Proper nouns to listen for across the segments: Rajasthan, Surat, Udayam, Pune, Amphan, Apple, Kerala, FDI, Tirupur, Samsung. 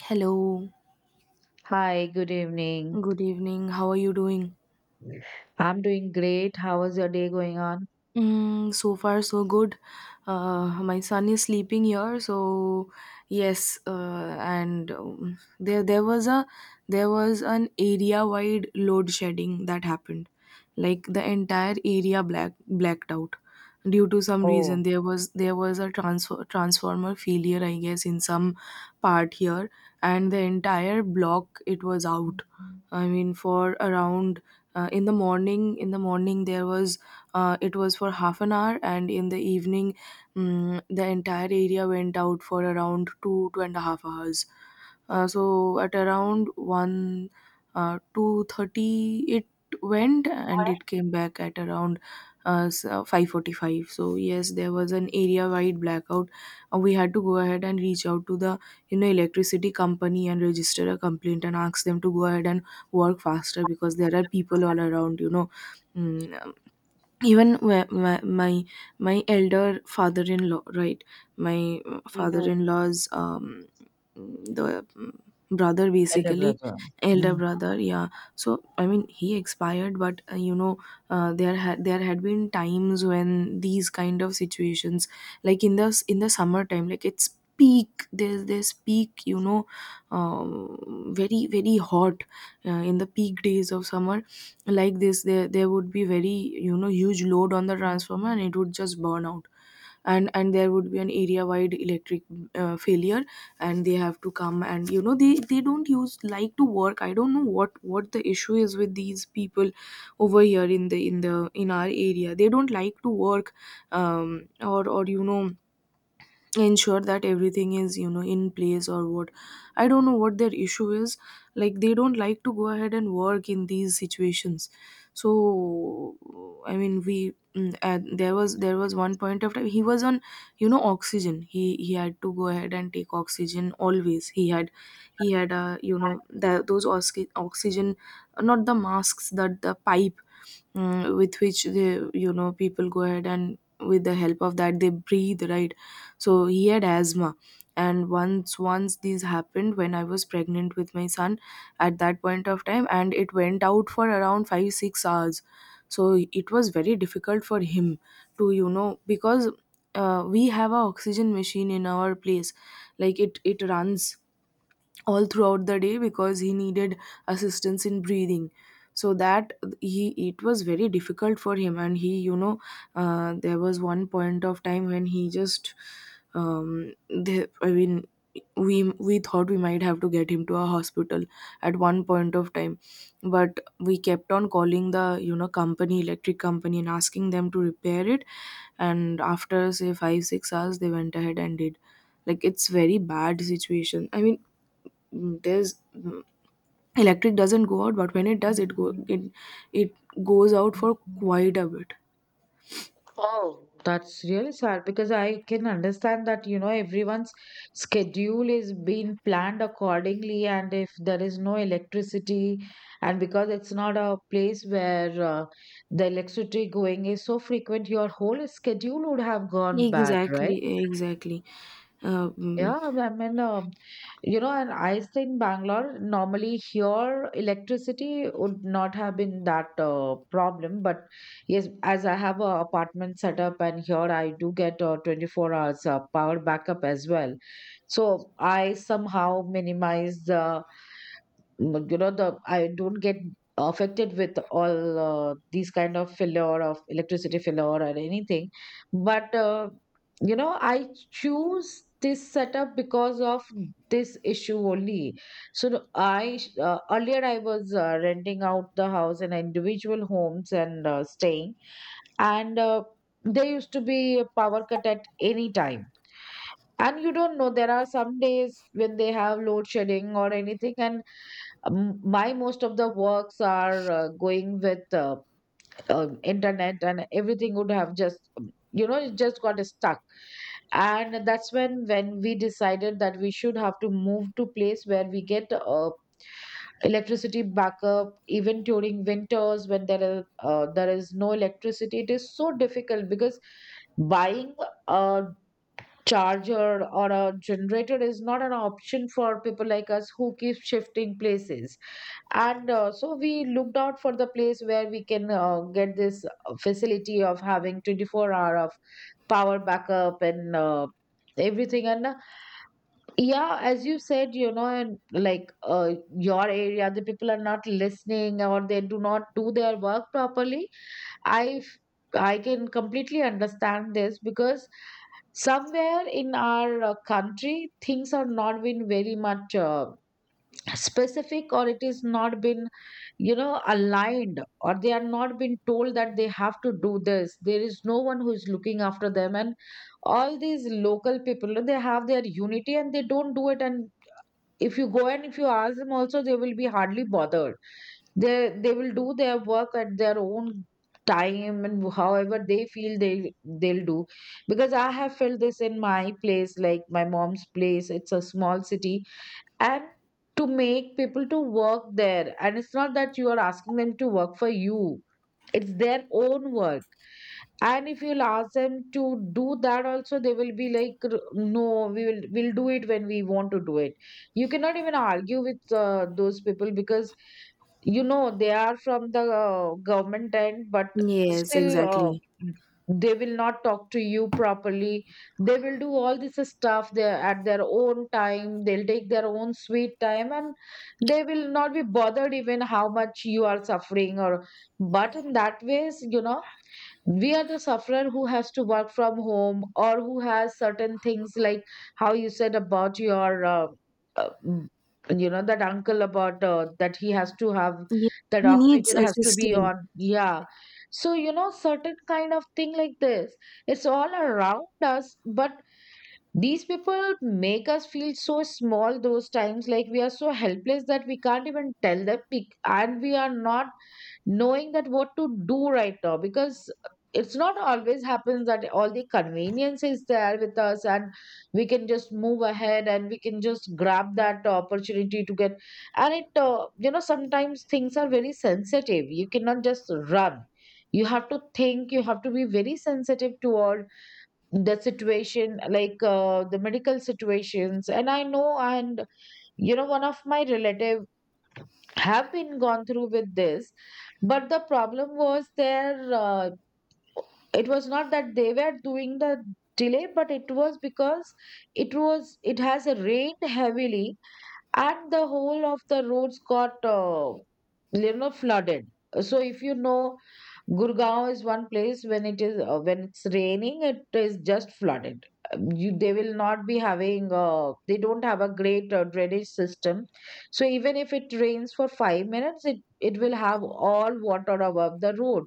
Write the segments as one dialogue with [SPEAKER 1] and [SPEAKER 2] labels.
[SPEAKER 1] Hello.
[SPEAKER 2] Hi, good evening.
[SPEAKER 1] Good evening. How are you doing?
[SPEAKER 2] I'm doing great. How was your day going on?
[SPEAKER 1] So far, so good. My son is sleeping here, so yes, and there there was a there was an area wide load shedding that happened, like the entire area blacked out due to some
[SPEAKER 2] Oh,
[SPEAKER 1] reason. There was a transfer transformer failure, I guess, in some part here, and the entire block, it was out. I mean, for around, in the morning, there was, it was for half an hour, and in the evening, the entire area went out for around 2.5 hours. So at around one 2:30, it went and it came back at around uh, 5:45. So yes, there was an area wide blackout. We had to go ahead and reach out to the electricity company and register a complaint and ask them to go ahead and work faster, because there are people all around. You know Mm, even my elder father-in-law, right, my
[SPEAKER 2] hmm
[SPEAKER 1] father-in-law's, the, brother,
[SPEAKER 2] elder
[SPEAKER 1] basically.
[SPEAKER 2] brother.
[SPEAKER 1] Elder
[SPEAKER 2] Mm.
[SPEAKER 1] brother, yeah. So I mean he expired, but there had been times when these kind of situations, like in the summertime, like it's peak. There's there's peak, very very hot, in the peak days of summer like this, there would be very, huge load on the transformer, and it would just burn out. And and there would be an area wide electric, failure, and they have to come, and they don't use like to work. I don't know what the issue is with these people over here. In our area, they don't like to work, or ensure that everything is in place, or what. I don't know what their issue is. Like, they don't like to go ahead and work in these situations. So I mean, we, there was one point of time, he was on oxygen. He had to go ahead and take oxygen always. He had, the, those, oxygen, not the masks, that the pipe, with which, the people go ahead, and with the help of that they breathe, right? So he had asthma. And once these happened when I was pregnant with my son, at that point of time, and it went out for around 5 6 hours. So it was very difficult for him to, because, we have a oxygen machine in our place. Like, it runs all throughout the day because he needed assistance in breathing. So that he it was very difficult for him, and he, there was one point of time when he just, the I mean, we we thought we might have to get him to a hospital at one point of time. But we kept on calling the, company, electric company, and asking them to repair it. And after, say, 5 6 hours, they went ahead and did. Like, it's very bad situation. I mean, mm, there's mm, electric doesn't go out, but when it does, it go it it goes out for quite a bit.
[SPEAKER 2] Oh, that's really sad because, I can understand that, you know, everyone's schedule is being planned accordingly. And if there is no electricity, and because it's not a place where the electricity going is so frequent, your whole schedule would have gone bad,
[SPEAKER 1] Exactly,
[SPEAKER 2] right?
[SPEAKER 1] exactly.
[SPEAKER 2] Yeah,
[SPEAKER 1] um,
[SPEAKER 2] I mean, you know, and I stay in Bangalore. Normally, here electricity would not have been that problem, but yes, as I have a apartment set up, and here I do get 24 hours power backup as well. So I somehow minimize the you know the I don't get affected with all these kind of failure of electricity failure or anything, but you know, I choose this setup because of this issue only. So I, earlier I was renting out the house in individual homes and staying, and there used to be a power cut at any time, and you don't know, there are some days when they have load shedding or anything. And my most of the works are going with internet, and everything would have just, you know, it just got stuck. And that's when we decided that we should have to move to place where we get electricity backup. Even during winters, when there is no electricity, it is so difficult because buying a charger or a generator is not an option for people like us who keep shifting places. And so we looked out for the place where we can get this facility of having 24 hour of power backup and everything. And yeah, as you said, you know, and like, your area, the people are not listening or they do not do their work properly. I can completely understand this because somewhere in our country, things are not been very much specific, or it is not been, you know, aligned, or they are not been told that they have to do this. There is no one who is looking after them, and all these local people, they have their unity and they don't do it. And if you go and if you ask them also, they will be hardly bothered. They will do their work at their own time, and however they feel, they'll do. Because I have felt this in my place, like my mom's place, it's a small city, and to make people to work there, and it's not that you are asking them to work for you, it's their own work. And if you'll ask them to do that also, they will be like, "R- no, we will we'll do it when we want to do it." You cannot even argue with those people because, you know, they are from the government end, but
[SPEAKER 1] yes
[SPEAKER 2] still
[SPEAKER 1] exactly.
[SPEAKER 2] they will not talk to you properly. They will do all this stuff there at their own time. They'll take their own sweet time, and they will not be bothered even how much you are suffering. Or but in that ways, you know, we are the sufferer, who has to work from home or who has certain things like how you said about your, uh, mm, you know, that uncle, about that he has to have
[SPEAKER 1] Ye-
[SPEAKER 2] that
[SPEAKER 1] he needs
[SPEAKER 2] oxygen has to be
[SPEAKER 1] assistance.
[SPEAKER 2] on. Yeah. So, you know, certain kind of thing like this, it's all around us, but these people make us feel so small those times, like we are so helpless that we can't even tell them, we- and we are not knowing that what to do right now because it's not always happens that all the convenience is there with us, and we can just move ahead and we can just grab that opportunity to get. And it, you know, sometimes things are very sensitive, you cannot just run, you have to think, you have to be very sensitive toward the situation, like, the medical situations. And I know, and you know, one of my relative have been gone through with this, but the problem was there, it was not that they were doing the delay, but it was because it was, it has rained heavily and the whole of the roads got, you know, flooded. So, if you know, Gurgaon is one place, when it is when it's raining, it is just flooded. You, they will not be having they don't have a great drainage system, so even if it rains for five minutes, it will have all water above the road.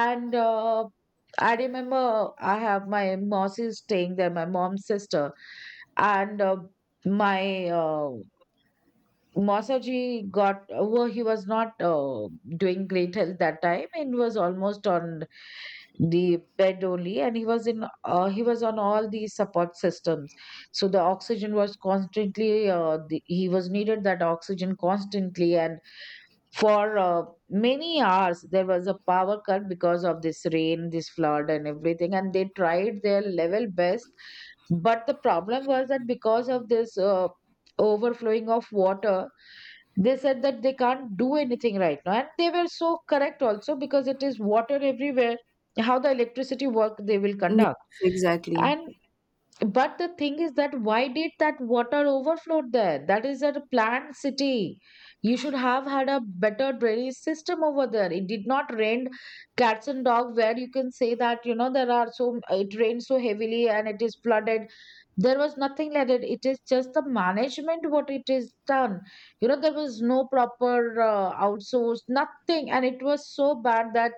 [SPEAKER 2] And I remember, I have my mossy staying there, my mom's sister. And my uh, Masaji got, well, he was not doing great health that time, and was almost on the bed only, and he was in, he was on all the support systems. So the oxygen was constantly, the, he was needed that oxygen constantly. And for many hours there was a power cut because of this rain, this flood, and everything, and they tried their level best. But the problem was that because of this overflowing of water, they said that they can't do anything right now. And they were so correct also because it is water everywhere, how the electricity work they will conduct.
[SPEAKER 1] Yes, exactly,
[SPEAKER 2] And, but the thing is that why did that water overflow there? That is a planned city. You should have had a better drainage system over there. It did not rain cats and dog, where you can say that, you know, there are so, it rained so heavily and it is flooded. There was nothing like that. It is just the management, what it is done. You know, there was no proper outsource, nothing, and it was so bad that,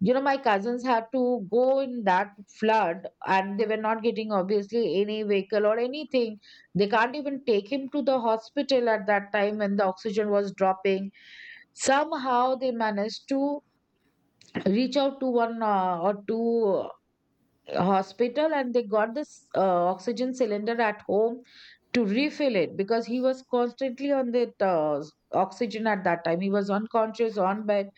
[SPEAKER 2] you know, my cousins had to go in that flood, and they were not getting obviously any vehicle or anything. They can't even take him to the hospital at that time when the oxygen was dropping. Somehow they managed to reach out to one or two hospital, and they got this oxygen cylinder at home to refill it because he was constantly on that oxygen at that time. He was unconscious on bed,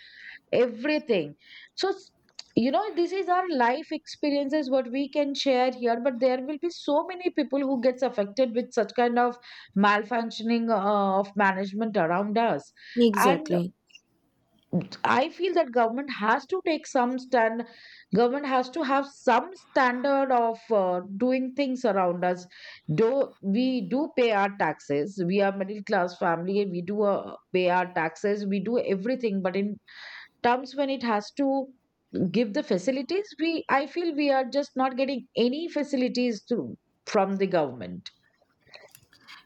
[SPEAKER 2] everything. So s-, you know, this is our life experiences what we can share here, but there will be so many people who gets affected with such kind of malfunctioning of management around us. And
[SPEAKER 1] exactly.
[SPEAKER 2] I feel that government has to take some stand, government has to have some standard of doing things around us. Though we do pay our taxes, we are middle class family, we do pay our taxes, we do everything, but in terms when it has to give the facilities, we, I feel we are just not getting any facilities to, from the government.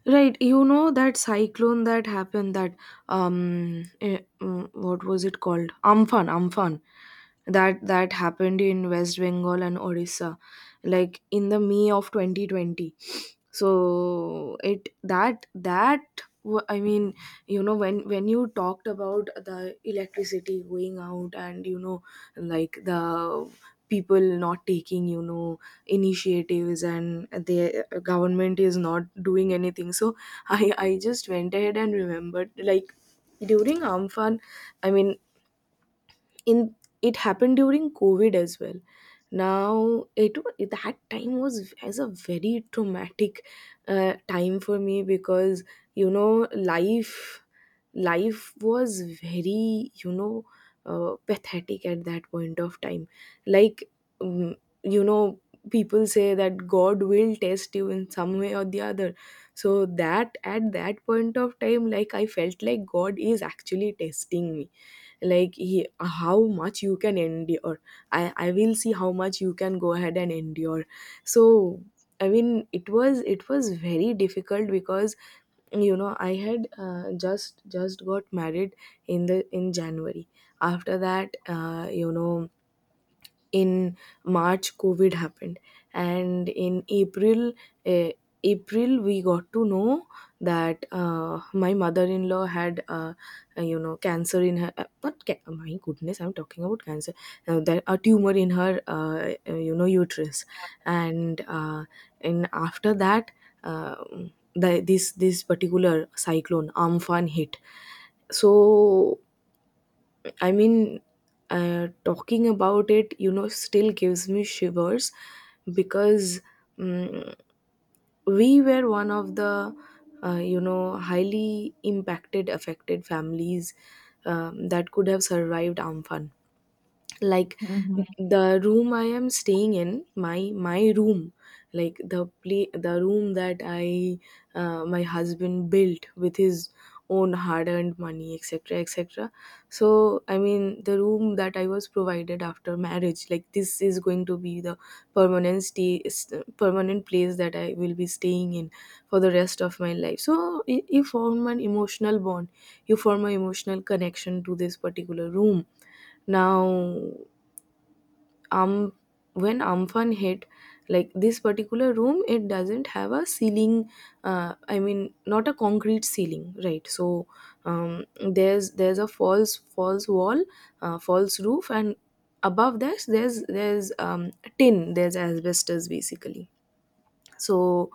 [SPEAKER 1] Right, that cyclone that happened, that, what was it called? Amphan. That that happened in West Bengal and Odisha, like in the May of 2020. So, it that that w- I mean, when you talked about the electricity going out, and, like, the people not taking, initiatives, and the government is not doing anything. So I just went ahead and remembered, like, during Amphan, I mean, in it happened during COVID as well. Now, that time was as a very traumatic, time for me, because, you know life life was very, pathetic at that point of time. Like, mm, you know people say that God will test you in some way or the other. So that, at that point of time, like, I felt like God is actually testing me. Like, he, how much you can endure. I will see how much you can go ahead and endure. So I mean, it was very difficult, because, I had, just got married in the, in January. After that, in March, COVID happened. And in uh, April, we got to know that, my mother-in-law had, cancer in her, not ca-, my goodness, I'm talking about cancer, that a tumor in her, uterus. And, and after that, um this particular cyclone, Amphan, hit. So I mean, talking about it, still gives me shivers. Because, mm we were one of the, highly impacted, affected families, that could have survived Amphan. Like,
[SPEAKER 2] Mhm.
[SPEAKER 1] the room I am staying in, my room, like the room that I my husband built with his own hard earned money, etc etc. So I mean, the room that I was provided after marriage, like, this is going to be the permanent place that I will be staying in for the rest of my life. So you form an emotional bond. You form an emotional connection to this particular room. Now, um when Amphan hit, like, this particular room, it doesn't have a ceiling, I mean, not a concrete ceiling, right? So, um, there's a false wall, false roof. And above that, there's, tin, there's asbestos, basically. So,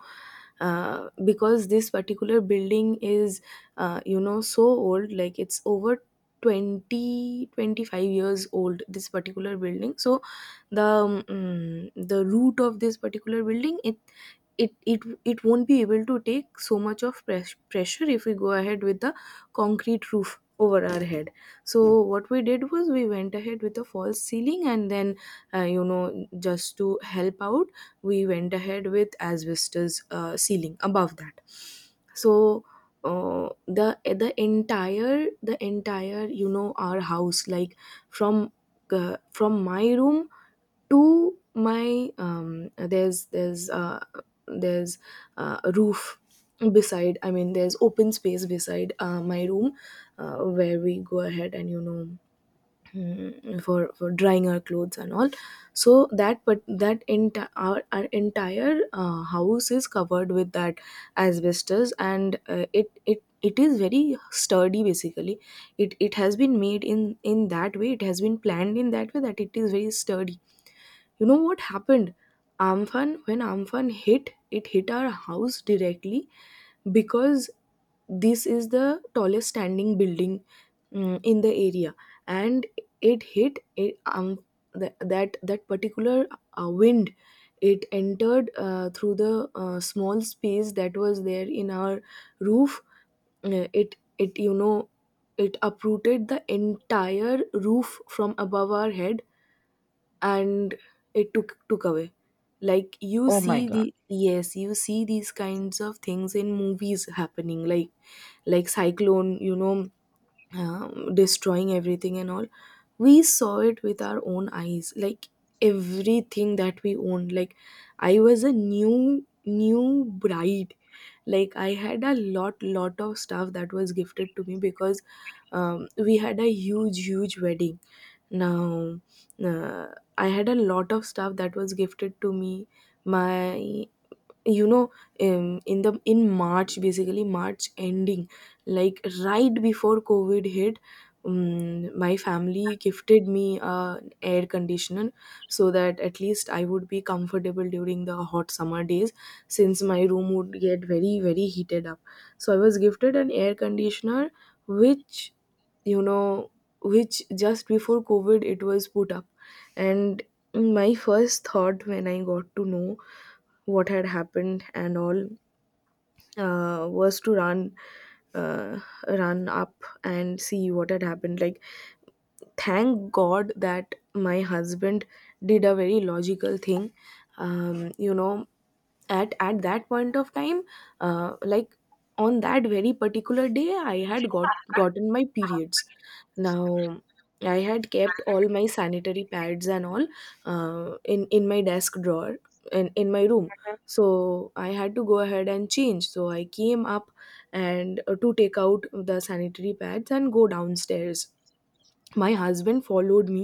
[SPEAKER 1] because this particular building is, so old, like it's over 20, 25 years old, this particular building. So the, the root of this particular building, it, it it won't be able to take so much of pressure, if we go ahead with the concrete roof over our head. So what we did was, we went ahead with a false ceiling, and then, just to help out, we went ahead with asbestos, ceiling above that. So, uh, the the entire you know our house, like, from, from my room to my, there's a roof beside, I mean, there's open space beside, my room, where we go ahead and, for drying our clothes and all. So that but that entire, our entire, house is covered with that asbestos. And, it is very sturdy, basically. It has been made in that way, it has been planned in that way, that it is very sturdy. You know what happened? Amphan, when Amphan hit, it hit our house directly, because this is the tallest standing building, in the area. And it hit it, that particular, wind. It entered, through the, small space that was there in our roof. It uprooted the entire roof from above our head. And it took away. Like, you
[SPEAKER 2] Oh my
[SPEAKER 1] see
[SPEAKER 2] god.
[SPEAKER 1] the yes, you see these kinds of things in movies happening, like, cyclone, destroying everything and all. We saw it with our own eyes. Like, everything that we owned. Like, I was a new, new bride. Like, I had a lot, of stuff that was gifted to me, because, we had a huge, huge wedding. Now, uh, I had a lot of stuff that was gifted to me. My, you know, in the in March, basically March ending, like right before COVID hit, my family gifted me a air conditioner so that at least I would be comfortable during the hot summer days, since my room would get very very heated up. So I was gifted an air conditioner, which, you know, which just before COVID it was put up. And my first thought when I got to know what had happened and all, was to run, uh, run up and see what had happened. Like, thank God that my husband did a very logical thing. Um, you know, at that point of time, like, on that very particular day, I had gotten my periods now. I had kept all my sanitary pads and all in my desk drawer, in my room. So I had to go ahead and change, so I came up, and to take out the sanitary pads and go downstairs. My husband followed me.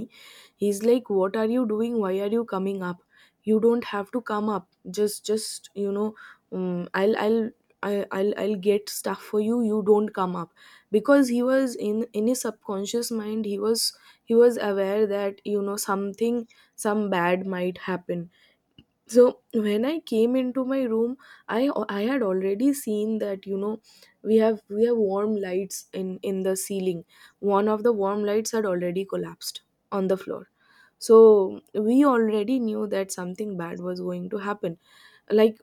[SPEAKER 1] He's like, what are you doing, why are you coming up? You don't have to come up, just um, i'll i'll I- I'll get stuff for you, you don't come up. Because he was, in his subconscious mind, he was, he was aware that, you know, something, some bad might happen. So when I came into my room, I I had already seen that, you know, we have warm lights in the ceiling. One of the warm lights had already collapsed on the floor. So we already knew that something bad was going to happen. Like,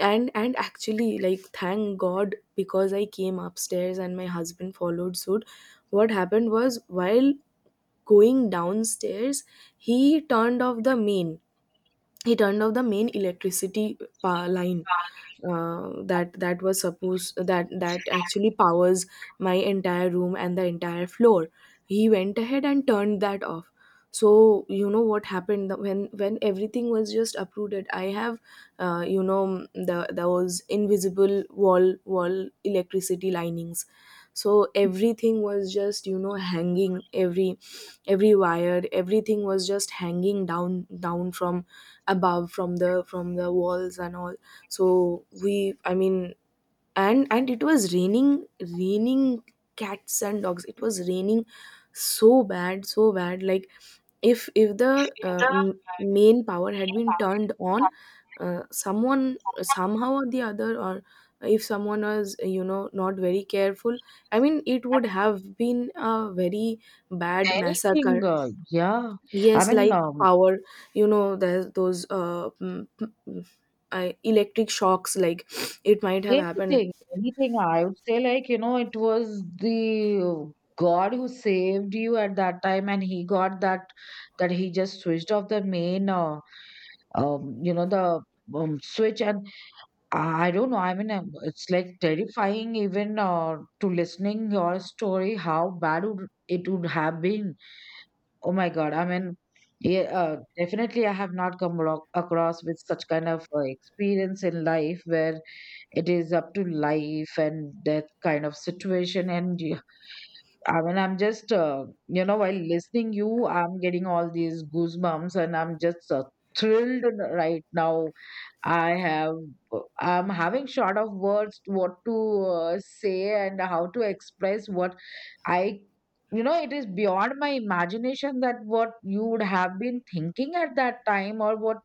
[SPEAKER 1] and actually, like, thank God, because I came upstairs and my husband followed suit. What happened was, while going downstairs, he turned off the main he turned off the main electricity pa line, that that was supposed that actually powers my entire room and the entire floor. He went ahead and turned that off. So, you know what happened, when everything was just uprooted, I have, you know, the those invisible wall electricity linings, so everything was just, you know, hanging. Every wire, everything was just hanging down, down from above, from the walls and all. So we, I mean, and it was raining, cats and dogs. It was raining so bad, so bad. Like, if the main power had been turned on, someone somehow or the other, or if someone was, you know, not very careful, I mean, it would have been a very bad
[SPEAKER 2] Anything
[SPEAKER 1] massacre.
[SPEAKER 2] yeah. I
[SPEAKER 1] Yes,
[SPEAKER 2] mean
[SPEAKER 1] like, power, you know, there's those I, electric shocks, like, it might have happened.
[SPEAKER 2] anything, anything. I would say, like, you know, it was the God who saved you at that time, and he got that, that he just switched off the main, you know, the, switch. And I don't know, I mean, it's like terrifying even to listening your story, how bad would, it would have been. Oh my God. I mean, yeah, definitely, I have not come alo- across with such kind of experience in life where it is up to life and death kind of situation. And yeah, I mean, I'm just you know, while listening you, I'm getting all these goosebumps, and I'm just thrilled right now. I have, I'm having short of words what to say and how to express what I, you know, it is beyond my imagination that what you would have been thinking at that time, or what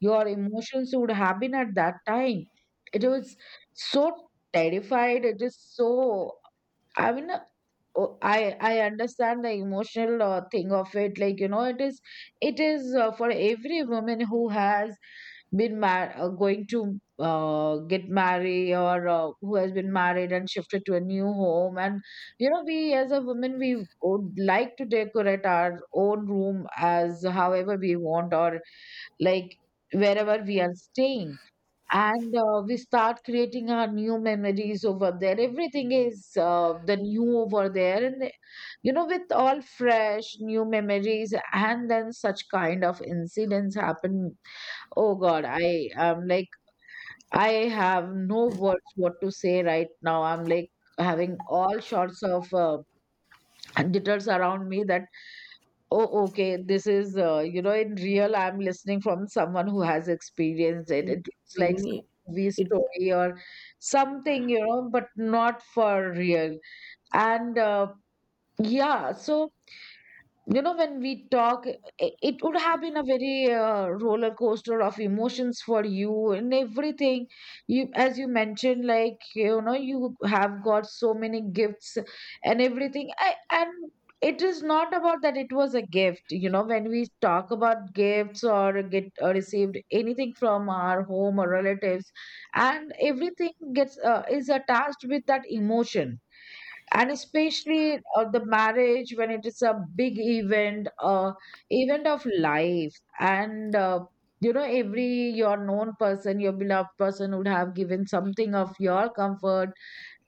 [SPEAKER 2] your emotions would have been at that time. It was so terrified. It is so, I mean, oh, I understand the emotional thing of it. Like, you know, it is, it is for every woman who has been mar- going to get married, or who has been married and shifted to a new home. And you know, we as a woman, we would like to decorate our own room as however we want, or like, wherever we are staying. And we start creating our new memories over there, everything is the new over there. And you know, with all fresh new memories, and then such kind of incidents happen. Oh god, I am like, I have no words what to say right now, I'm like having all sorts of jitters around me that, oh, okay. This is, you know, in real, I'm listening from someone who has experienced it. It looks like some movie
[SPEAKER 1] It,
[SPEAKER 2] story or something, you know, but not for real. And yeah, so. You know, when we talk, it would have been a very roller coaster of emotions for you and everything. You, as you mentioned, like, you know, you have got so many gifts and everything. I, and it is not about that it was a gift. You know, when we talk about gifts or get or received anything from our home or relatives, and everything gets is attached with that emotion, and especially the marriage, when it is a big event of life. And you know, every your known person, your beloved person, would have given something of your comfort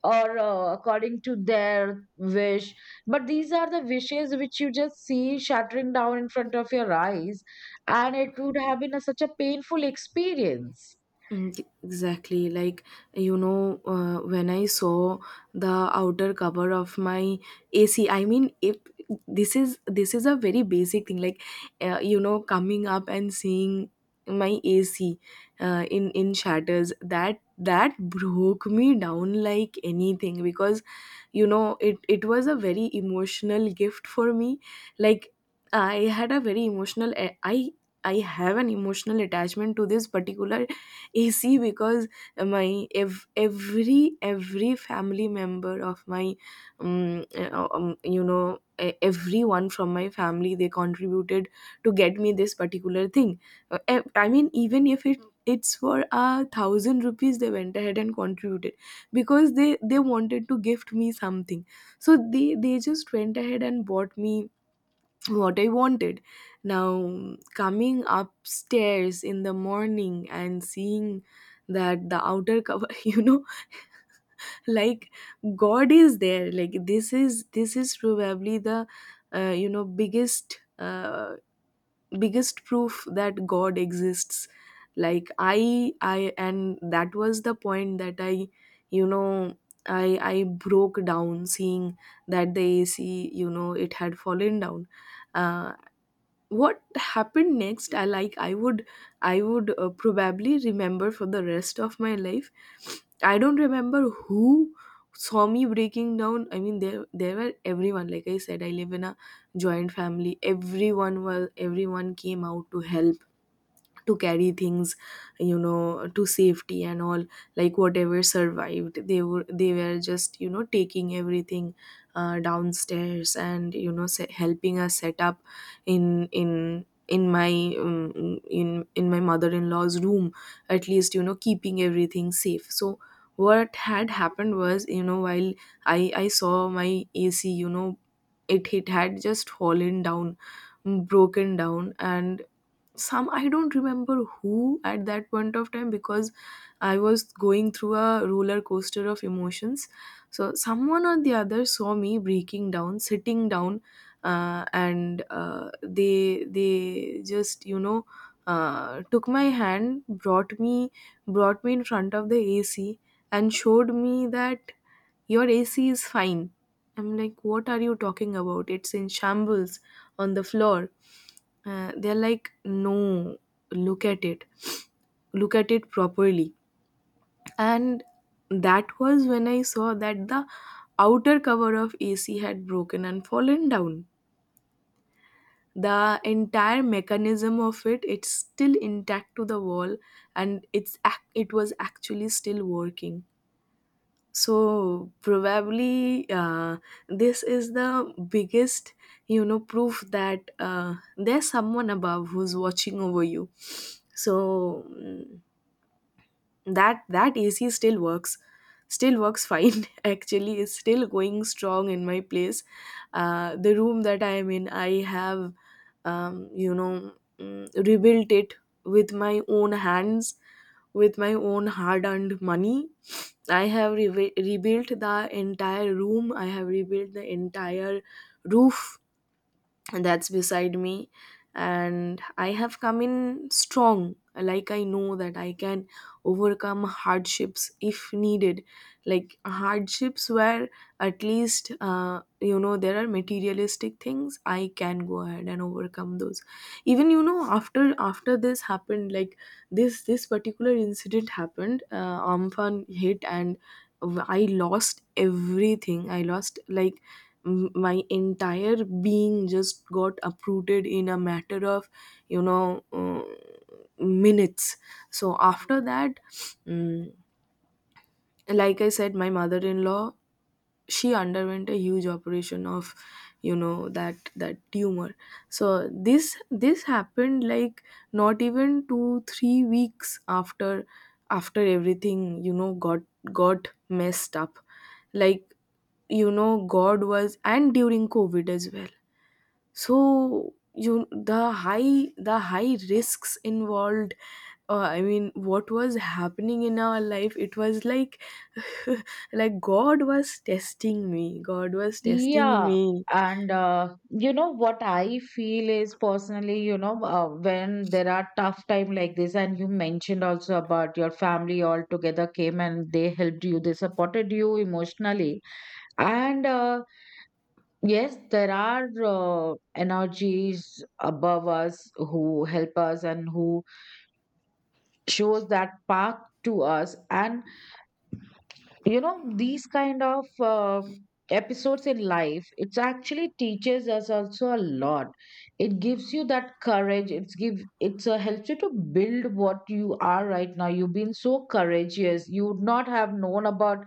[SPEAKER 2] or according to their wish, but these are the wishes which you just see shattering down in front of your eyes, and it would have been a, such a painful experience.
[SPEAKER 1] Exactly. Like, you know, when I saw the outer cover of my AC, I mean, if this is a very basic thing, like, you know, coming up and seeing my AC in shatters, that broke me down like anything, because, you know, it was a very emotional gift for me. Like, I had a very emotional, I have an emotional attachment to this particular AC, because my every family member of my you know, everyone from my family, they contributed to get me this particular thing. I mean, even if it it's for a thousand rupees, they went ahead and contributed because they wanted to gift me something. So they just went ahead and bought me what I wanted. Now, coming upstairs in the morning and seeing that the outer cover, you know, like, God is there. Like, this is probably the you know, biggest biggest proof that God exists. Like, I and that was the point that I, you know, I broke down seeing that the AC, you know, it had fallen down. Uh, what happened next, I would probably remember for the rest of my life. I don't remember who saw me breaking down. I mean, there were everyone. Like I said, I live in a joint family. Everyone was, everyone came out to help, to carry things, you know, to safety and all. Like, whatever survived, they were just, you know, taking everything downstairs, and, you know, helping us set up in my in my mother-in-law's room, at least, you know, keeping everything safe. So what had happened was, you know, while I saw my AC, you know, it had just fallen down, broken down, and some, I don't remember who at that point of time, because I was going through a roller coaster of emotions. So someone or the other saw me breaking down, sitting down, and they just, you know, took my hand, brought me, brought me in front of the AC and showed me that, your AC is fine. I'm like, what are you talking about? It's in shambles on the floor. They're like, no, look at it. Look at it properly. And that was when I saw that the outer cover of AC had broken and fallen down. The entire mechanism of it, it's still intact to the wall, and it was actually still working. So probably, this is the biggest, you know, proof that, there's someone above who's watching over you. So, that AC still works, still works fine. Actually, it's still going strong in my place. The room that I am in, I have, um, you know rebuilt it with my own hands, with my own hard earned money. I have rebuilt the entire room, I have rebuilt the entire roof that's beside me. And I have come in strong. Like, I know that I can overcome hardships if needed. Like, hardships where at least, you know, there are materialistic things, I can go ahead and overcome those. Even, you know, after this happened, like, this particular incident happened, Amphan hit, and I lost everything. I lost, like, my entire being just got uprooted in a matter of, you know, minutes. So after that, mm, like I said, my mother-in-law, she underwent a huge operation of, you know, that tumor. So this happened like not even 2-3 weeks after, everything, you know, got messed up. Like, you know, God was, and during COVID as well. So you, the high risks involved, I mean, what was happening in our life, it was like, like, God was testing me, god was testing
[SPEAKER 2] Yeah,
[SPEAKER 1] me
[SPEAKER 2] and you know what I feel is, personally, you know, when there are tough time like this, and you mentioned also about your family all together came and they helped you, they supported you emotionally, and yes, there are energies above us who help us and who shows that path to us, and you know these kind of episodes in life, it actually teaches us also a lot. It gives you that courage, it's give it's helps you to build what you are right now. You've been so courageous, you would not have known about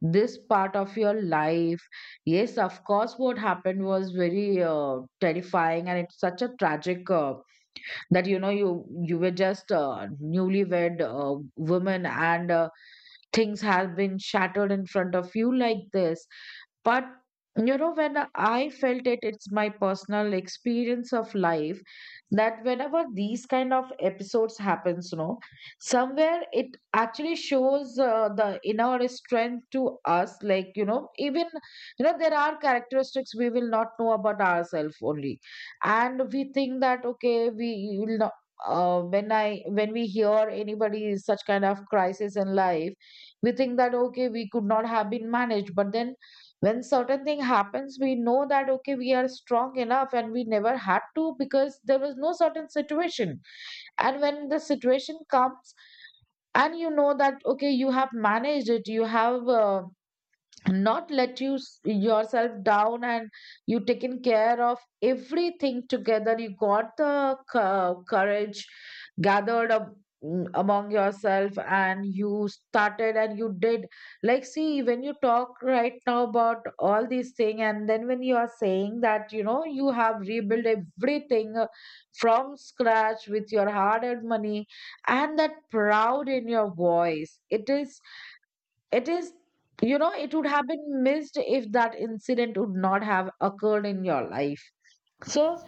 [SPEAKER 2] this part of your life. Yes, of course, what happened was very terrifying, and it's such a tragic, that you know, you were just a newlywed woman, and things have been shattered in front of you like this. But you know, when I felt it, it's my personal experience of life that whenever these kind of episodes happens, you know, somewhere it actually shows the inner strength to us. Like, you know, even you know, there are characteristics we will not know about ourselves only, and we think that okay, we will not, when we hear anybody is such kind of crisis in life, we think that okay, we could not have been managed, but then when certain thing happens, we know that okay, we are strong enough, and we never had to because there was no certain situation. And when the situation comes, and you know that okay, you have managed it, you have not let you yourself down, and you taken care of everything together, you got the courage gathered up, among yourself, and you started and you did. Like, see, when you talk right now about all these things, and then when you are saying that you know, you have rebuilt everything from scratch with your hard earned money, and that proud in your voice, it is, it is, you know, it would have been missed if that incident would not have occurred in your life. So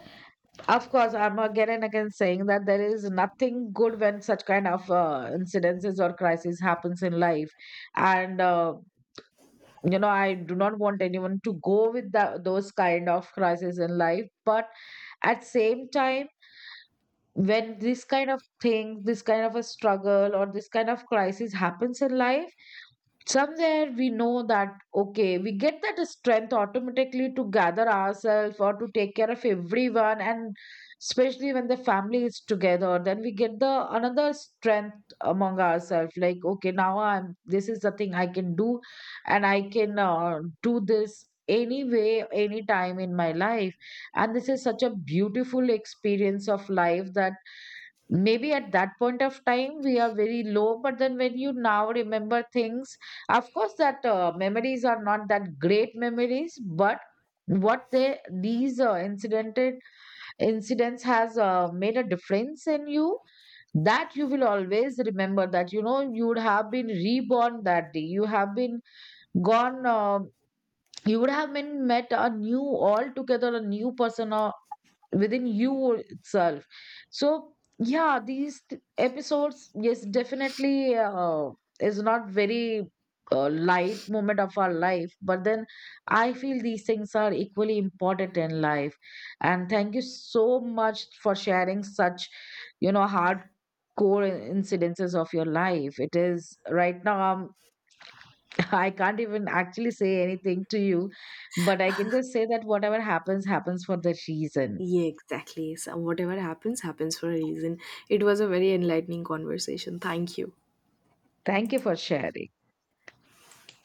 [SPEAKER 2] of course, I'm again and again saying that there is nothing good when such kind of incidences or crises happens in life, and you know, I do not want anyone to go with that, those kind of crises in life, but at same time, when this kind of thing, this kind of a struggle or this kind of crisis happens in life, somewhere we know that okay, we get that strength automatically to gather ourselves or to take care of everyone. And especially when the family is together, then we get the another strength among ourselves, like okay, now I'm, this is the thing I can do, and I can do this anyway anytime in my life. And this is such a beautiful experience of life, that maybe at that point of time we are very low, but then when you now remember things, of course that memories are not that great memories, but what they, these incidented incidents has made a difference in you, that you will always remember that, you know, you would have been reborn that day, you have been gone you would have been met a new, altogether a new person, or within you itself. So yeah, these episodes, yes definitely, is not very light moment of our life, but then I feel these things are equally important in life. And thank you so much for sharing such, you know, hard core incidences of your life. It is right now, I can't even actually say anything to you, but I can just say that whatever happens happens for the reason.
[SPEAKER 1] Yeah, exactly. So whatever happens, happens for a reason. It was a very enlightening conversation. Thank you.
[SPEAKER 2] Thank you for sharing.